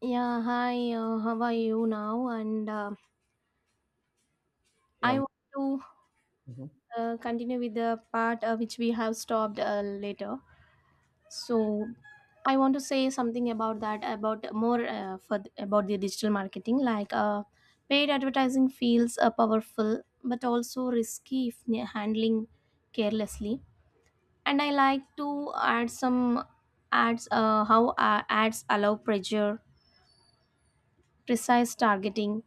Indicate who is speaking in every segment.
Speaker 1: Yeah, hi, how are you now? And
Speaker 2: Yeah.
Speaker 1: I want to
Speaker 2: Mhm.
Speaker 1: continue with the part which we have stopped later. So I want to say something about that, about more for about the digital marketing. Paid advertising feels powerful, but also risky if handling carelessly. And I like to add some ads. How Ads allow pressure, precise targeting.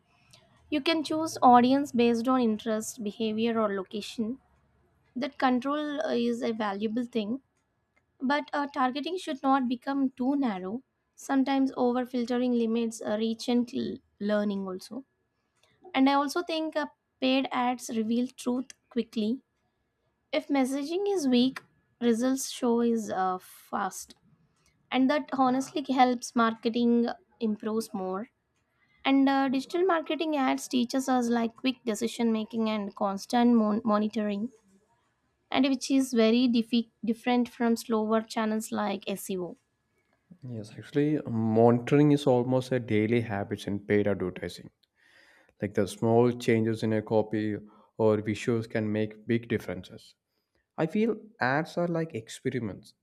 Speaker 1: You can choose audience based on interest, behavior, or location. That control is a valuable thing, but targeting should not become too narrow. Sometimes over filtering limits reach and learning also. And I also think paid ads reveal truth quickly. If messaging is weak, results show is fast, and that honestly helps marketing improves more. And digital marketing ads teaches us like quick decision making and constant monitoring, and which is very different from slower channels like SEO.
Speaker 2: Yes, actually, monitoring is almost a daily habit in paid advertising. Like the small changes in a copy or visuals can make big differences. I feel ads are like experiments.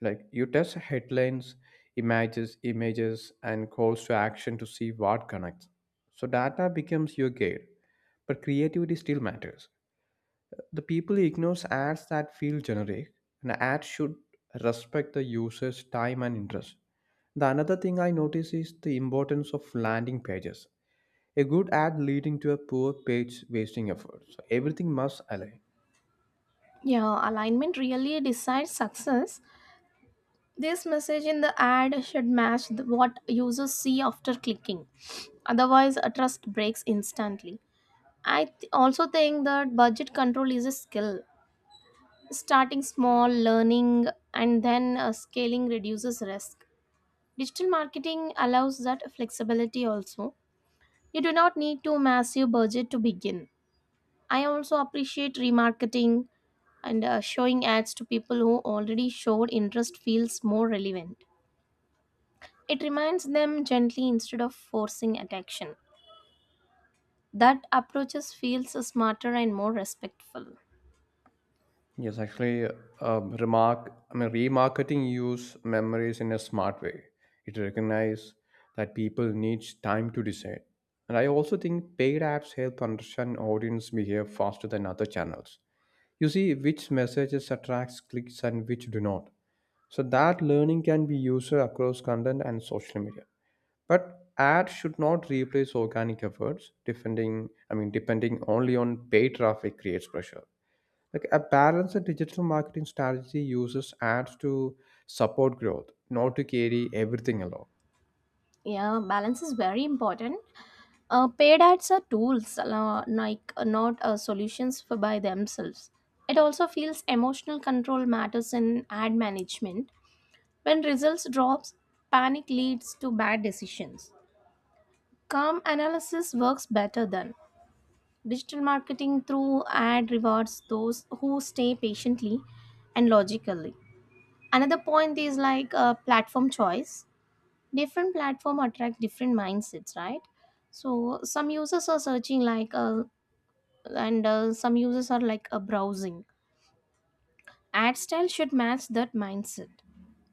Speaker 2: Like you test headlines, images, and calls to action to see what connects. So data becomes your guide, but creativity still matters. The people ignores ads that feel generic, and ads should respect the user's time and interest. The another thing I notice is the importance of landing pages. A good ad leading to a poor page wasting effort. So everything must align.
Speaker 1: Yeah, alignment really decides success. This message in the ad should match the, what users see after clicking. Otherwise, a trust breaks instantly. I also think that budget control is a skill. Starting small, learning, and then scaling reduces risk. Digital marketing allows that flexibility also. You do not need to massive budget to begin. I also appreciate remarketing and showing ads to people who already showed interest feels more relevant. It reminds them gently instead of forcing attention. That approaches feels smarter and more respectful.
Speaker 2: Yes, actually, remarketing use memories in a smart way. It recognizes that people need time to decide. And I also think paid apps help understand audience behavior faster than other channels. You see which messages attracts clicks and which do not, so that learning can be used across content and social media. But ads should not replace organic efforts defending I mean depending only on paid traffic creates pressure. Like a balanced digital marketing strategy uses ads to support growth, not to carry everything along.
Speaker 1: Yeah, balance is very important. Paid ads are tools, like not solutions for by themselves. It also feels emotional control matters in ad management. When results drops, panic leads to bad decisions. Calm analysis works better than digital marketing through ad rewards those who stay patiently and logically. Another point is like platform choice. Different platform attract different mindsets, right? So some users are searching like a and some users are like a browsing ad style should match that mindset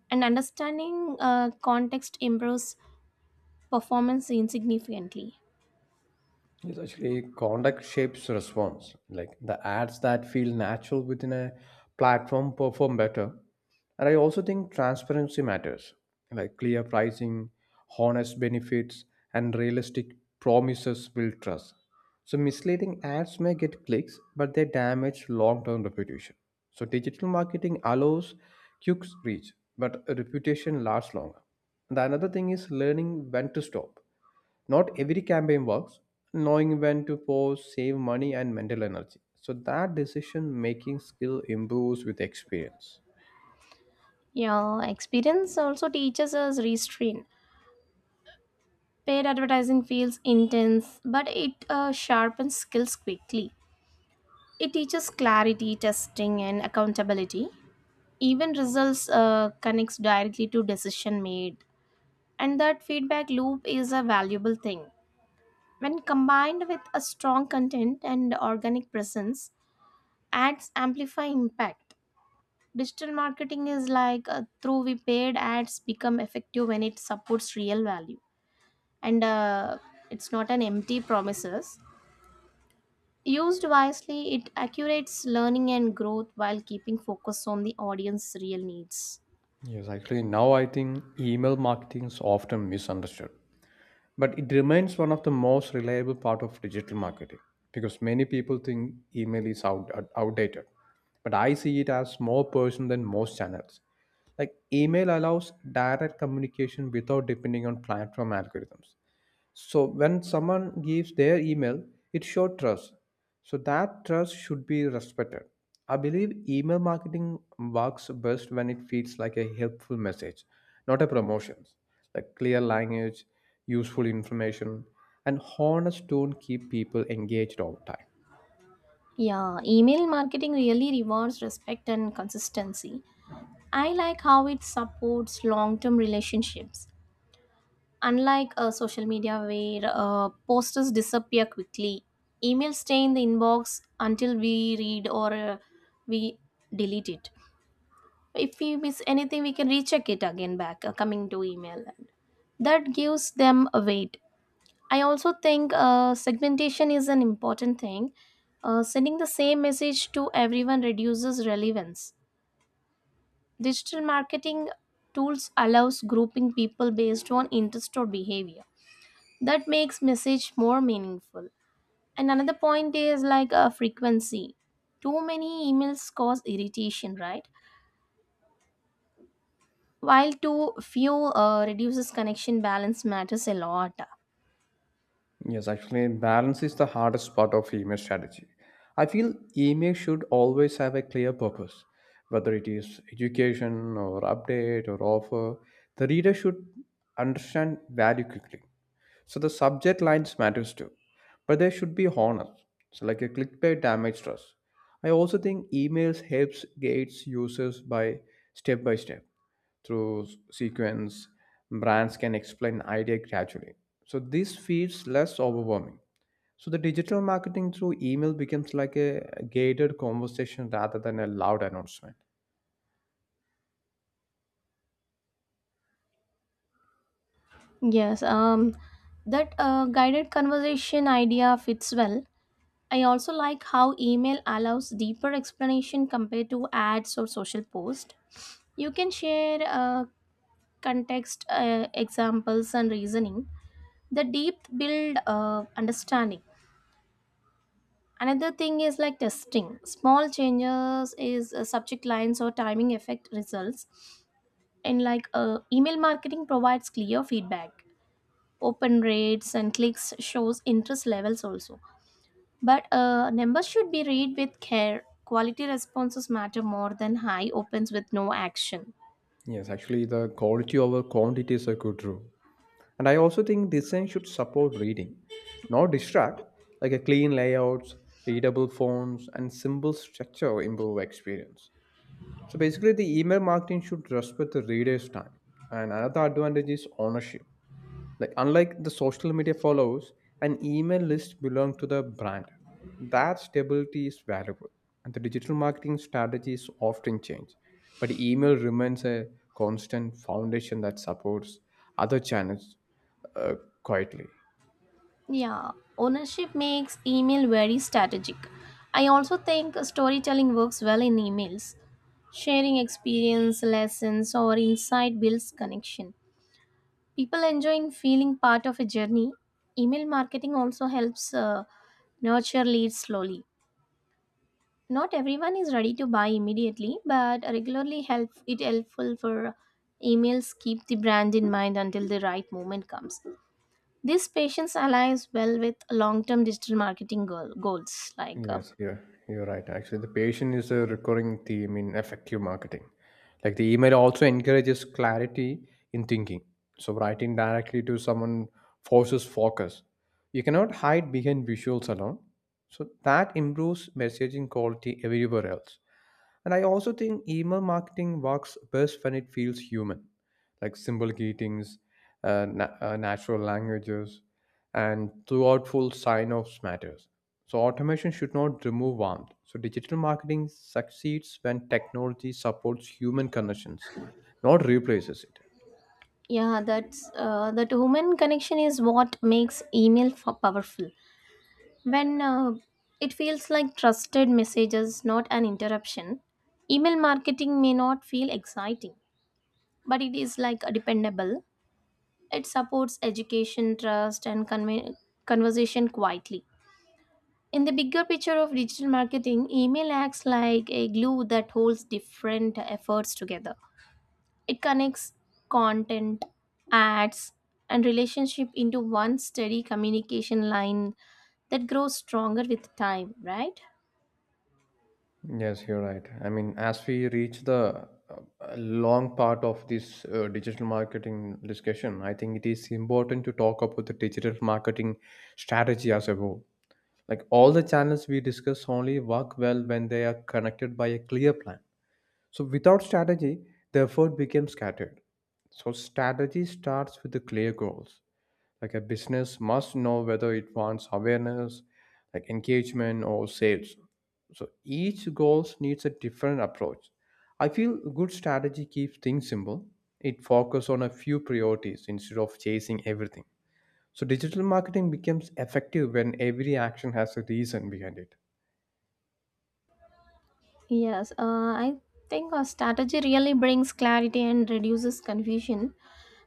Speaker 1: and understanding context improves performance significantly.
Speaker 2: Yes, actually, conduct shapes response. Like the ads that feel natural within a platform perform better. And I also think transparency matters, like clear pricing, honest benefits, and realistic promises build trust. So misleading ads may get clicks, but they damage long term reputation. So digital marketing allows quick reach, but a reputation lasts longer. The another thing is learning when to stop. Not every campaign works. Knowing when to pause save money and mental energy. So that decision making skill improves with experience.
Speaker 1: Yeah, experience also teaches us restraint. Paid advertising feels intense but it sharpens skills quickly. It teaches clarity testing and accountability. Even results connects directly to decision made, and that feedback loop is a valuable thing. When combined with a strong content and organic presence, ads amplify impact. Digital marketing is like through we paid ads become effective when it supports real value, and it's not an empty promises. Used wisely, it accurates learning and growth while keeping focus on the audience real needs.
Speaker 2: Yes, actually, now I think email marketing is often misunderstood, but it remains one of the most reliable part of digital marketing because many people think email is outdated, but I see it as more personal than most channels. Like email allows direct communication without depending on platform algorithms. So when someone gives their email, it shows trust. So that trust should be respected. I believe email marketing works best when it feels like a helpful message, not a promotion. Like clear language, useful information, and honest tone keep people engaged over time.
Speaker 1: Yeah, email marketing really rewards respect and consistency. I like how it supports long-term relationships. Unlike social media where posters disappear quickly, emails stay in the inbox until we read or we delete it. If we miss anything, we can recheck it again back coming to email. That gives them a weight. I also think segmentation is an important thing. Sending the same message to everyone reduces relevance. Digital marketing tools allows grouping people based on interest or behavior. That makes message more meaningful. And another point is like a frequency. Too many emails cause irritation, right? While too few reduces connection. Balance matters a lot.
Speaker 2: Yes, actually, balance is the hardest part of email strategy. I feel email should always have a clear purpose, whether it is education or update or offer. The reader should understand value quickly. So the subject lines matters too, but they should be honest. So like a clickbait damage trust. I also think emails helps gates users by step through sequence. Brands can explain idea gradually. So this feels less overwhelming. So the digital marketing through email becomes like a gated conversation rather than a loud announcement.
Speaker 1: Yes. That guided conversation idea fits well. I also like how email allows deeper explanation compared to ads or social post. You can share context, examples and reasoning. The depth build understanding. Another thing is like testing small changes is subject lines or timing affect results. And like email marketing provides clear feedback. Open rates and clicks shows interest levels also, but numbers should be read with care. Quality responses matter more than high opens with no action.
Speaker 2: Yes, actually the quality over quantity is a good rule. And I also think design should support reading, not distract, like a clean layouts, readable fonts, and simple structure improve experience. So basically the email marketing should respect the reader's time. And another advantage is ownership. Like unlike the social media follows, an email list belongs to the brand. That stability is valuable, and the digital marketing strategies often change, but email remains a constant foundation that supports other channels uh, quietly.
Speaker 1: Yeah, ownership makes email very strategic. I also think storytelling works well in emails. Sharing experience, lessons, or insight builds connection. People enjoy feeling part of a journey. Email marketing also helps nurture leads slowly. Not everyone is ready to buy immediately, but regularly help it helpful for emails keep the brand in mind until the right moment comes. This patience aligns well with long-term digital marketing goals. Like,
Speaker 2: Yes, you're right. Actually, the patient is a recurring theme in effective marketing. Like the email also encourages clarity in thinking. So writing directly to someone forces focus. You cannot hide behind visuals alone. So that improves messaging quality everywhere else. And I also think email marketing works best when it feels human, like symbolic greetings, natural languages, and thoughtful sign-offs matters. So automation should not remove warmth. So digital marketing succeeds when technology supports human connections, not replaces it.
Speaker 1: yeah, that's that human connection is what makes email powerful. When it feels like trusted messages, not an interruption. Email marketing may not feel exciting, but it is like a dependable. It supports education, trust, and conversation quietly. In the bigger picture of digital marketing, email acts like a glue that holds different efforts together. It connects content, ads, and relationship into one steady communication line that grows stronger with time, right?
Speaker 2: Yes, you're right. I mean, as we reach the long part of this digital marketing discussion, I think it is important to talk about the digital marketing strategy as a whole. Like all the channels we discuss only work well when they are connected by a clear plan. So without strategy, the effort becomes scattered. So strategy starts with the clear goals. Like a business must know whether it wants awareness, like engagement or sales. So each goal needs a different approach. I feel good strategy keeps things simple. It focuses on a few priorities instead of chasing everything. So digital marketing becomes effective when every action has a reason behind it.
Speaker 1: Yes, I think a strategy really brings clarity and reduces confusion.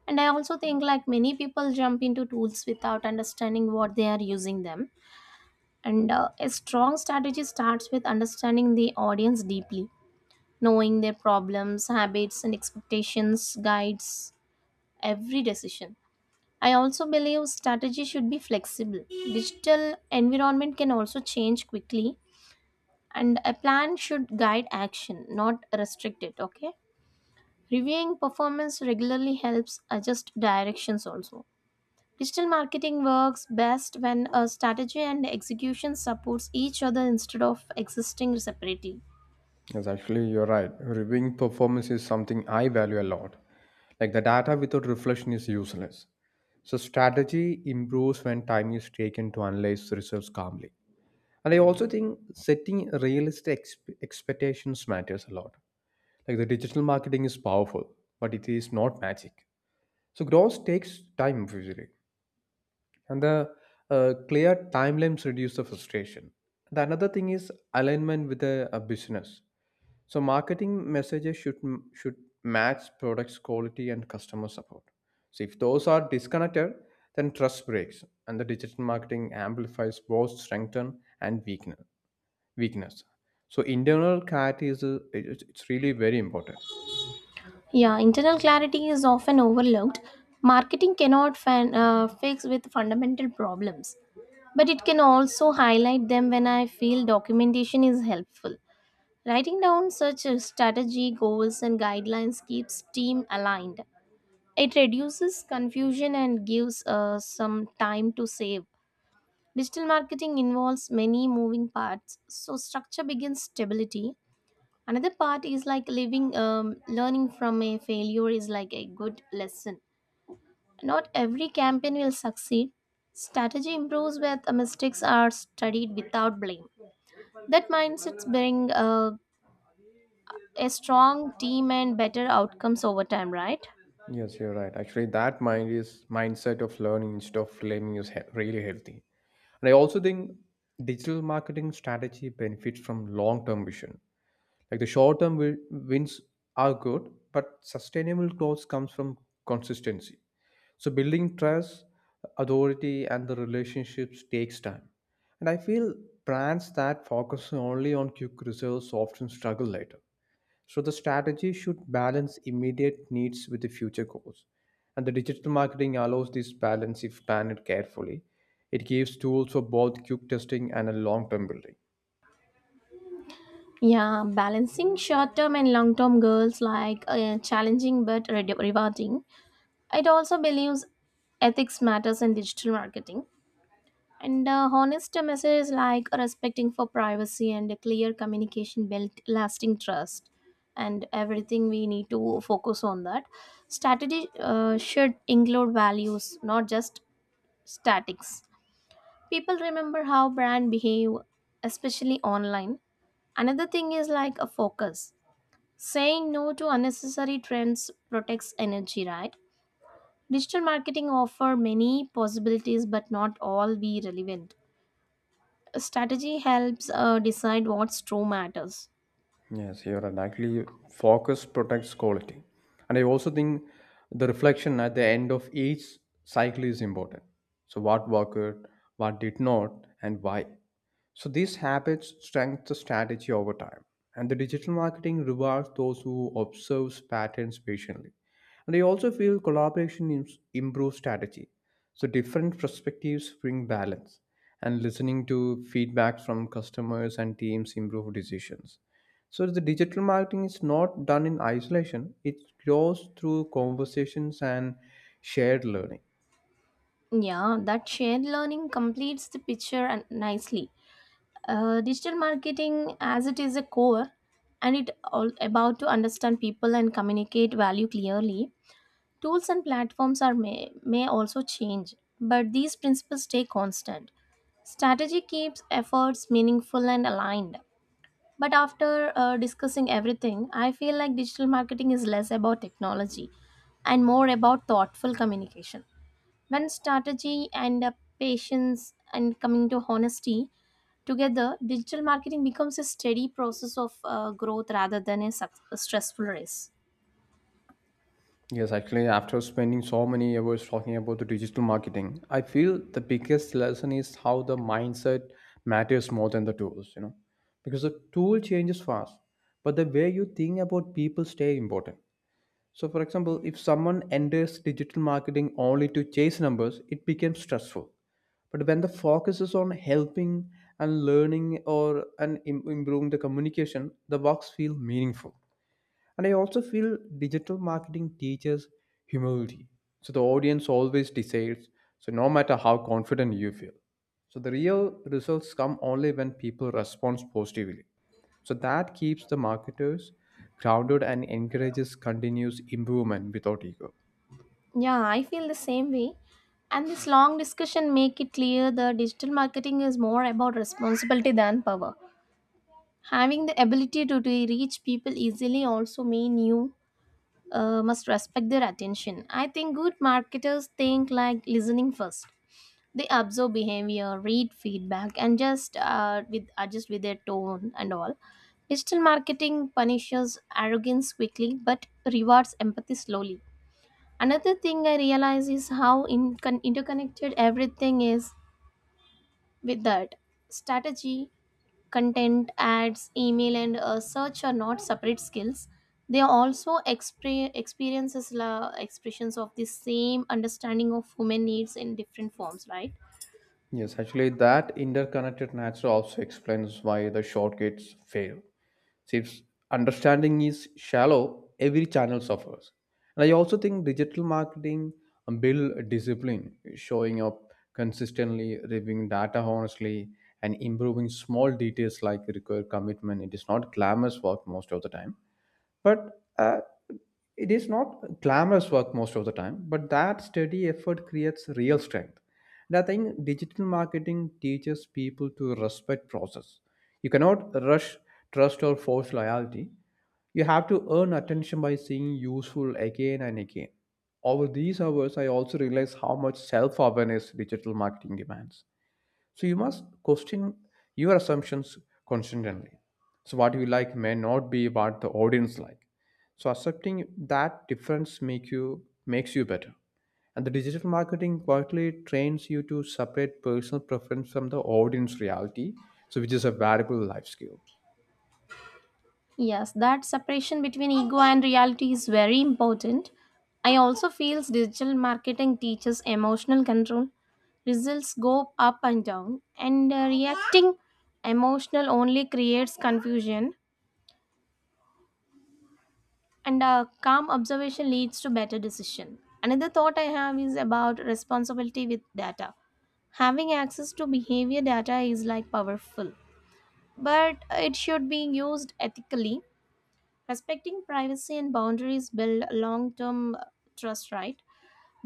Speaker 1: And I also think like many people jump into tools without understanding what they are using them. And a strong strategy starts with understanding the audience deeply, knowing their problems, habits, and expectations guides every decision. I also believe strategy should be flexible. Digital environment can also change quickly, and a plan should guide action, not restrict it, okay? Reviewing performance regularly helps adjust directions also. Digital marketing works best when a strategy and execution supports each other instead of existing separately.
Speaker 2: Yes, actually, you're right. Reviewing performance is something I value a lot. Like the data without reflection is useless. So strategy improves when time is taken to analyze the results calmly. And I also think setting realistic expectations matters a lot. Like the digital marketing is powerful, but it is not magic. So growth takes time usually. And the clear timelines reduce the frustration. The another thing is alignment with a business. So marketing messages should match product's quality and customer support. So if those are disconnected, then trust breaks, and the digital marketing amplifies both strength and weakness. Weakness. So internal clarity is a, it- it's really very important.
Speaker 1: Yeah, internal clarity is often overlooked. Marketing cannot fix with fundamental problems, but it can also highlight them. When I feel documentation is helpful, writing down such a strategy, goals, and guidelines keeps team aligned. It reduces confusion and gives some time to save. Digital marketing involves many moving parts, so structure begins stability. Another part is like learning from a failure is like a good lesson. Not every campaign will succeed. Strategy improves when mistakes are studied without blame. That mindsets bring a strong team and better outcomes over time, right?
Speaker 2: Yes, you're right. Actually, that mindset of learning instead of blaming is really healthy. And I also think digital marketing strategy benefits from long-term vision. Like the short-term wins are good, but sustainable growth comes from consistency. So building trust, authority, and the relationships takes time. And I feel brands that focus only on quick results often struggle later. So the strategy should balance immediate needs with the future goals. And the digital marketing allows this balance if planned carefully. It gives tools for both quick testing and a long term building.
Speaker 1: Yeah, balancing short term and long term goals like challenging but rewarding. It also believes ethics matters in digital marketing. And honest messages like respecting for privacy and a clear communication build lasting trust. And everything we need to focus on that. Strategy should include values, not just statics. People remember how brand behave, especially online. Another thing is like a focus. Saying no to unnecessary trends protects energy, right? Digital marketing offer many possibilities, but not all be relevant. Strategy helps decide what's true matters.
Speaker 2: Yes, you're right. Actually, focus protects quality. And I also think the reflection at the end of each cycle is important. So, what worked, what did not, and why. So these habits strengthen the strategy over time. And the digital marketing rewards those who observe patterns patiently. And I also feel collaboration improves strategy. So different perspectives bring balance. And listening to feedback from customers and teams improve decisions. So the digital marketing is not done in isolation. It grows through conversations and shared learning.
Speaker 1: Yeah, that shared learning completes the picture and nicely. Digital marketing, as it is a core, and it all about to understand people and communicate value clearly. Tools and platforms are may also change, but these principles stay constant. Strategy keeps efforts meaningful and aligned. But after discussing everything, I feel like digital marketing is less about technology and more about thoughtful communication. When strategy and patience and coming to honesty together, digital marketing becomes a steady process of growth rather than a, a stressful race.
Speaker 2: Yes, actually, after spending so many hours talking about the digital marketing, I feel the biggest lesson is how the mindset matters more than the tools, you know, because the tool changes fast, but the way you think about people stay important. So, for example, if someone enters digital marketing only to chase numbers, it becomes stressful. But when the focus is on helping and learning or and im- improving the communication, the works feel meaningful. And I also feel digital marketing teaches humility. So the audience always decides, so no matter how confident you feel. So the real results come only when people respond positively. So that keeps the marketers grounded and encourages continuous improvement without ego.
Speaker 1: Yeah, I feel the same way. And this long discussion make it clear that digital marketing is more about responsibility than power. Having the ability to reach people easily also mean you must respect their attention. I think good marketers think like listening first. They observe behavior, read feedback, and just with adjust with their tone and all. Digital marketing punishes arrogance quickly but rewards empathy slowly. Another thing I realize is how interconnected everything is. With that strategy, content, ads, email and search are not separate skills. They are also experiences, expressions of the same understanding of human needs in different forms, right?
Speaker 2: Yes, actually, that interconnected nature also explains why the shortcuts fail. See, if understanding is shallow, every channel suffers. And I also think digital marketing build discipline, showing up consistently, reviewing data honestly, and improving small details like require commitment. It is not glamorous work most of the time, but it is not glamorous work most of the time, but that steady effort creates real strength. And I think digital marketing teaches people to respect process. You cannot rush trust or force loyalty. You have to earn attention by seeing useful again and again. Over these hours, I also realize how much self awareness digital marketing demands. So you must question your assumptions constantly. So what you like may not be what the audience like. So accepting that difference makes you better. And the digital marketing quietly trains you to separate personal preference from the audience reality, so which is a valuable life skill.
Speaker 1: Yes, that separation between ego and reality is very important. I also feel digital marketing teaches emotional control. Results go up and down, and reacting emotional only creates confusion. And calm observation leads to better decision. Another thought I have is about responsibility with data. Having access to behavior data is like powerful, but it should be used ethically. Respecting privacy and boundaries build long term trust, right?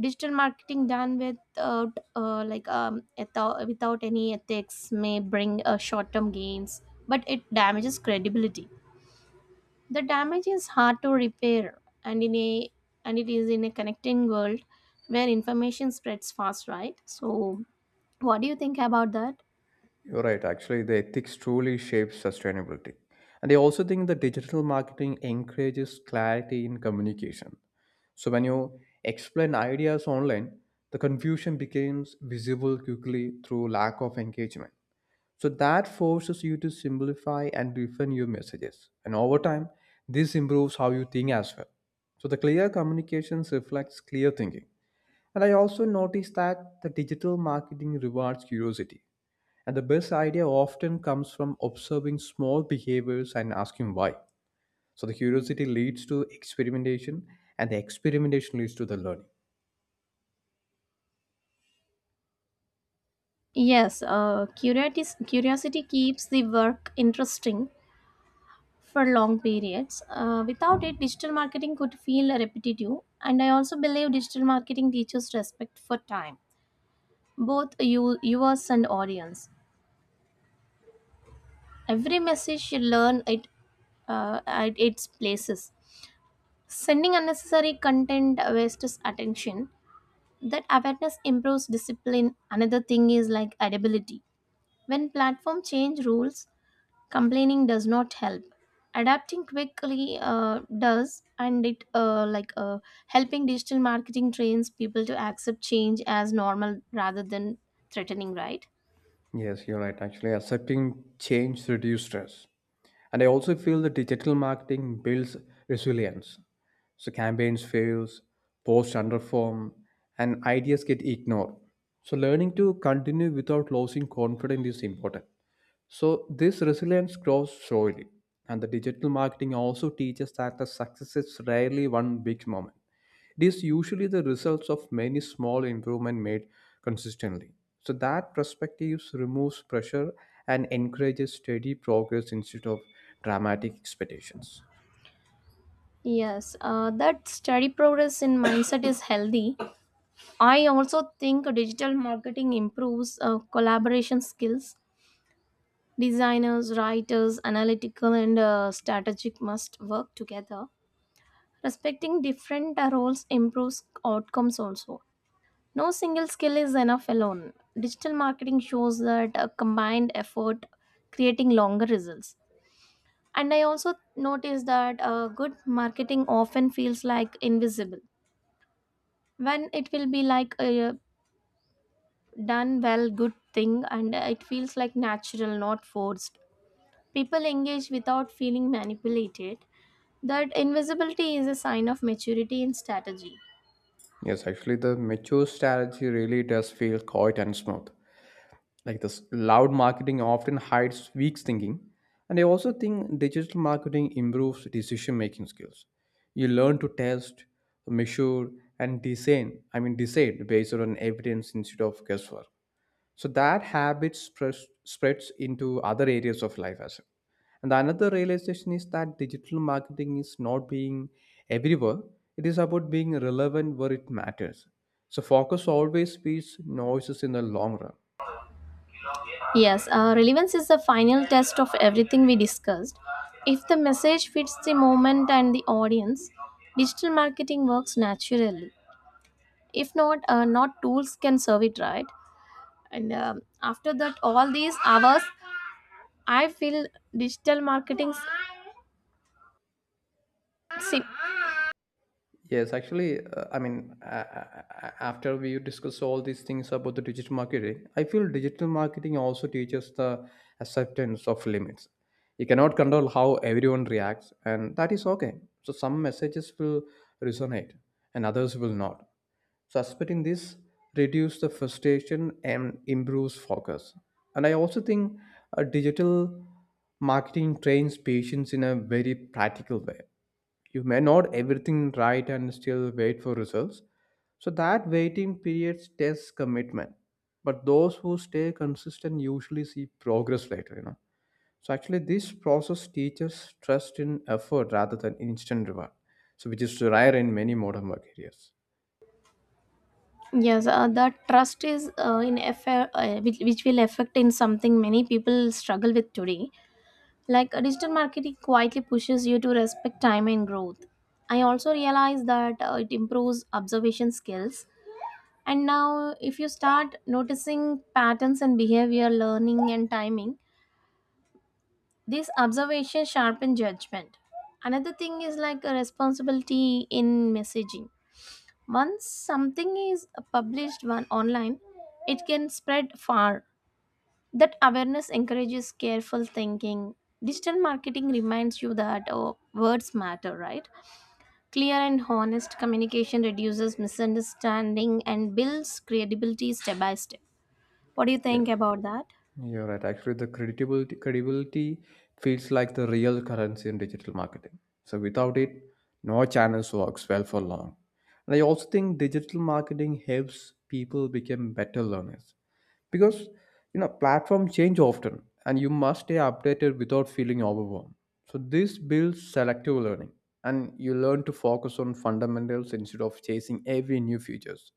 Speaker 1: Digital marketing done without without, without any ethics may bring short term gains, but it damages credibility. The damage is hard to repair, and in a and it is in a connecting world where information spreads fast, right? So, what do you think about that?
Speaker 2: You're right. Actually, the ethics truly shapes sustainability. And I also think the digital marketing encourages clarity in communication. So when you explain ideas online, the confusion becomes visible quickly through lack of engagement. So that forces you to simplify and refine your messages. And over time, this improves how you think as well. So the clear communications reflects clear thinking. And I also noticed that the digital marketing rewards curiosity. And the best idea often comes from observing small behaviors and asking why. So the curiosity leads to experimentation and the experimentation leads to the learning.
Speaker 1: Yes, curiosity keeps the work interesting for long periods. Without it, digital marketing could feel repetitive. And I also believe digital marketing teaches respect for time, both you, viewers and audience. Every message should learn it at its places. Sending unnecessary content wastes attention. That awareness improves discipline. Another thing is like adaptability. When platform change rules, complaining does not help. Adapting quickly does, and it helping digital marketing trains people to accept change as normal rather than threatening, right?
Speaker 2: Yes, you're right. Actually, accepting change reduces stress. And I also feel that digital marketing builds resilience. So campaigns fails, posts underperform, and ideas get ignored. So learning to continue without losing confidence is important. So this resilience grows slowly. And the digital marketing also teaches that the success is rarely one big moment. It is usually the results of many small improvement made consistently. So that perspective removes pressure and encourages steady progress instead of dramatic expectations.
Speaker 1: Yes, that steady progress in mindset is healthy. I also think digital marketing improves collaboration skills. Designers, writers, analytical and strategic must work together. Respecting different roles improves outcomes also. No single skill is enough alone. Digital marketing shows that a combined effort creating longer results. And I also noticed that good marketing often feels like invisible. When it will be like a done well good thing, and it feels like natural, not forced. People engage without feeling manipulated. That invisibility is a sign of maturity in strategy.
Speaker 2: Yes, actually, the mature strategy really does feel quiet and smooth. Like this loud marketing often hides weak thinking. And I also think digital marketing improves decision making skills. You learn to test, measure, and design. I mean, decide based on evidence instead of guesswork, so that habit spreads into other areas of life as well. And the another realization is that digital marketing is not being everywhere, it is about being relevant where it matters. So focus always beats noises in the long run.
Speaker 1: Yes, relevance is the final test of everything we discussed. If the message fits the moment and the audience, digital marketing works naturally. If not, not tools can serve it right. And after that, all these hours, I feel digital marketing. See,
Speaker 2: Yes, actually, after we discuss all these things about the digital marketing, I feel digital marketing also teaches the acceptance of limits. You cannot control how everyone reacts, and that is okay. So some messages will resonate, and others will not. So accepting this reduces the frustration and improves focus. And I also think digital marketing trains patients in a very practical way. You may not everything right and still wait for results, so that waiting period tests commitment, but those who stay consistent usually see progress later, so actually this process teaches trust in effort rather than instant reward, so which is rare in many modern work areas.
Speaker 1: yes, the trust is in affair, which will affect in something many people struggle with today. Like digital marketing quietly pushes you to respect time and growth. I also realize that it improves observation skills. And now, if you start noticing patterns in behavior, learning, and timing, this observation sharpen judgment. Another thing is like a responsibility in messaging. Once something is published one online, it can spread far. That awareness encourages careful thinking. Digital marketing reminds you that oh, words matter, right? Clear and honest communication reduces misunderstanding and builds credibility step by step. What do you think about that?
Speaker 2: You're right. Actually, the credibility feels like the real currency in digital marketing. So without it, no channels works well for long. And I also think digital marketing helps people become better learners, because platforms change often, and you must stay updated without feeling overwhelmed. So this builds selective learning, and you learn to focus on fundamentals instead of chasing every new features.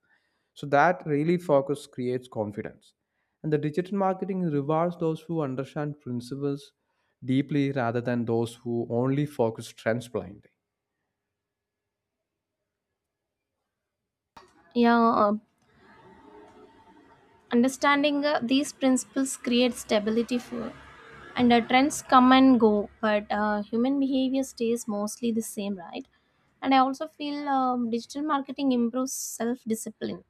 Speaker 2: So that really focus creates confidence. And the digital marketing rewards those who understand principles deeply rather than those who only focus trends blindly.
Speaker 1: Yeah, understanding these principles creates stability for, and trends come and go, but human behavior stays mostly the same, right? And I also feel digital marketing improves self discipline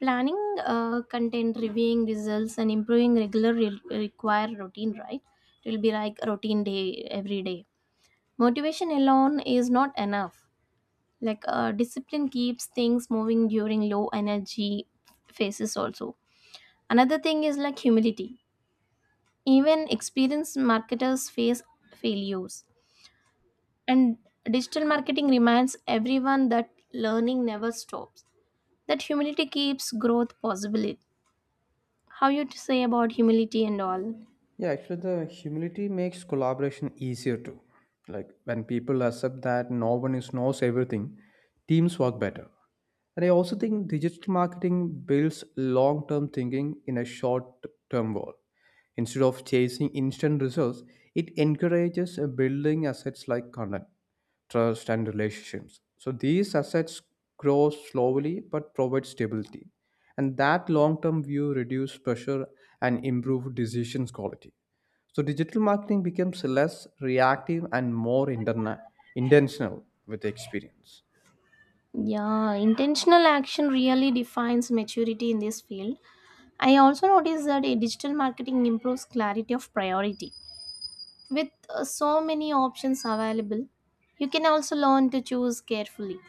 Speaker 1: planning content reviewing results and improving regular require routine, right? It will be like a routine day every day. Motivation alone is not enough. Like discipline keeps things moving during low energy phases also. Another thing is like humility. Even experienced marketers face failures, and digital marketing reminds everyone that learning never stops. That humility keeps growth possible. How you to say about humility and all?
Speaker 2: Yeah, actually, the humility makes collaboration easier too. Like when people accept that no one is knows everything, teams work better. And I also think digital marketing builds long term thinking in a short term goal. Instead of chasing instant results, it encourages building assets like content, trust, and relationships. So these assets grow slowly but provide stability. And that long term view reduces pressure and improves decisions quality. So digital marketing becomes less reactive and more intentional with the experience.
Speaker 1: Yeah, intentional action really defines maturity in this field. I also noticed that a digital marketing improves clarity of priority. With so many options available, you can also learn to choose carefully.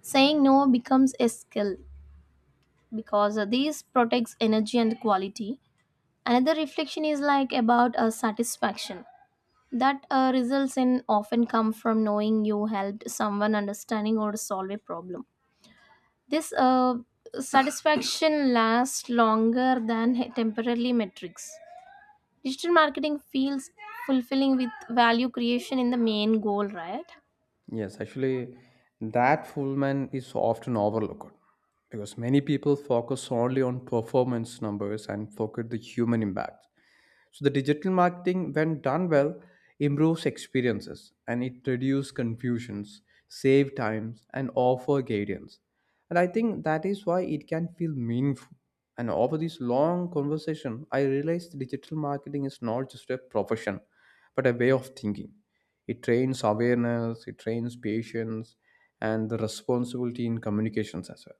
Speaker 1: Saying no becomes a skill, because this protects energy and quality. Another reflection is like about a satisfaction that results in often come from knowing you helped someone understanding or solve a problem. This satisfaction lasts longer than temporarily metrics. Digital marketing feels fulfilling with value creation in the main goal, right?
Speaker 2: Yes, actually, that Fullman is often overlooked because many people focus only on performance numbers and forget the human impact. So the digital marketing, when done well, improves experiences, and it reduces confusions, save times, and offer guidance. And I think that is why it can feel meaningful. And over this long conversation, I realized digital marketing is not just a profession, but a way of thinking. It trains awareness, it trains patience, and the responsibility in communications as well.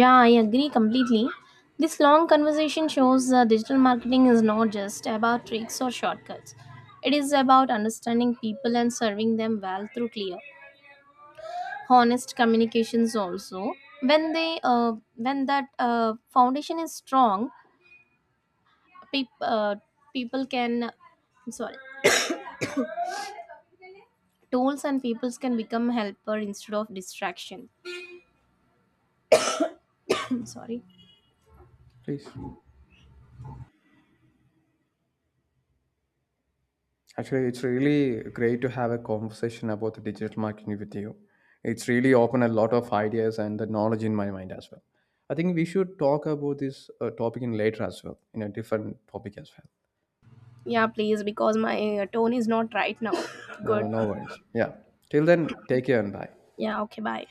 Speaker 1: Yeah, I agree completely. This long conversation shows digital marketing is not just about tricks or shortcuts. It is about understanding people and serving them well through clear honest communications also. When they when that foundation is strong, peop- uh, people can, I'm sorry, tools and peoples can become helper instead of distraction. I'm sorry.
Speaker 2: Please. Actually, it's really great to have a conversation about the digital marketing with you. It's really opened a lot of ideas and the knowledge in my mind as well. I think we should talk about this topic in later as well, in a different topic as well.
Speaker 1: Yeah, please, because my tone is not right now.
Speaker 2: No,
Speaker 1: Good.
Speaker 2: no, no worries. Yeah. Till then, take care and bye.
Speaker 1: Yeah, okay, bye.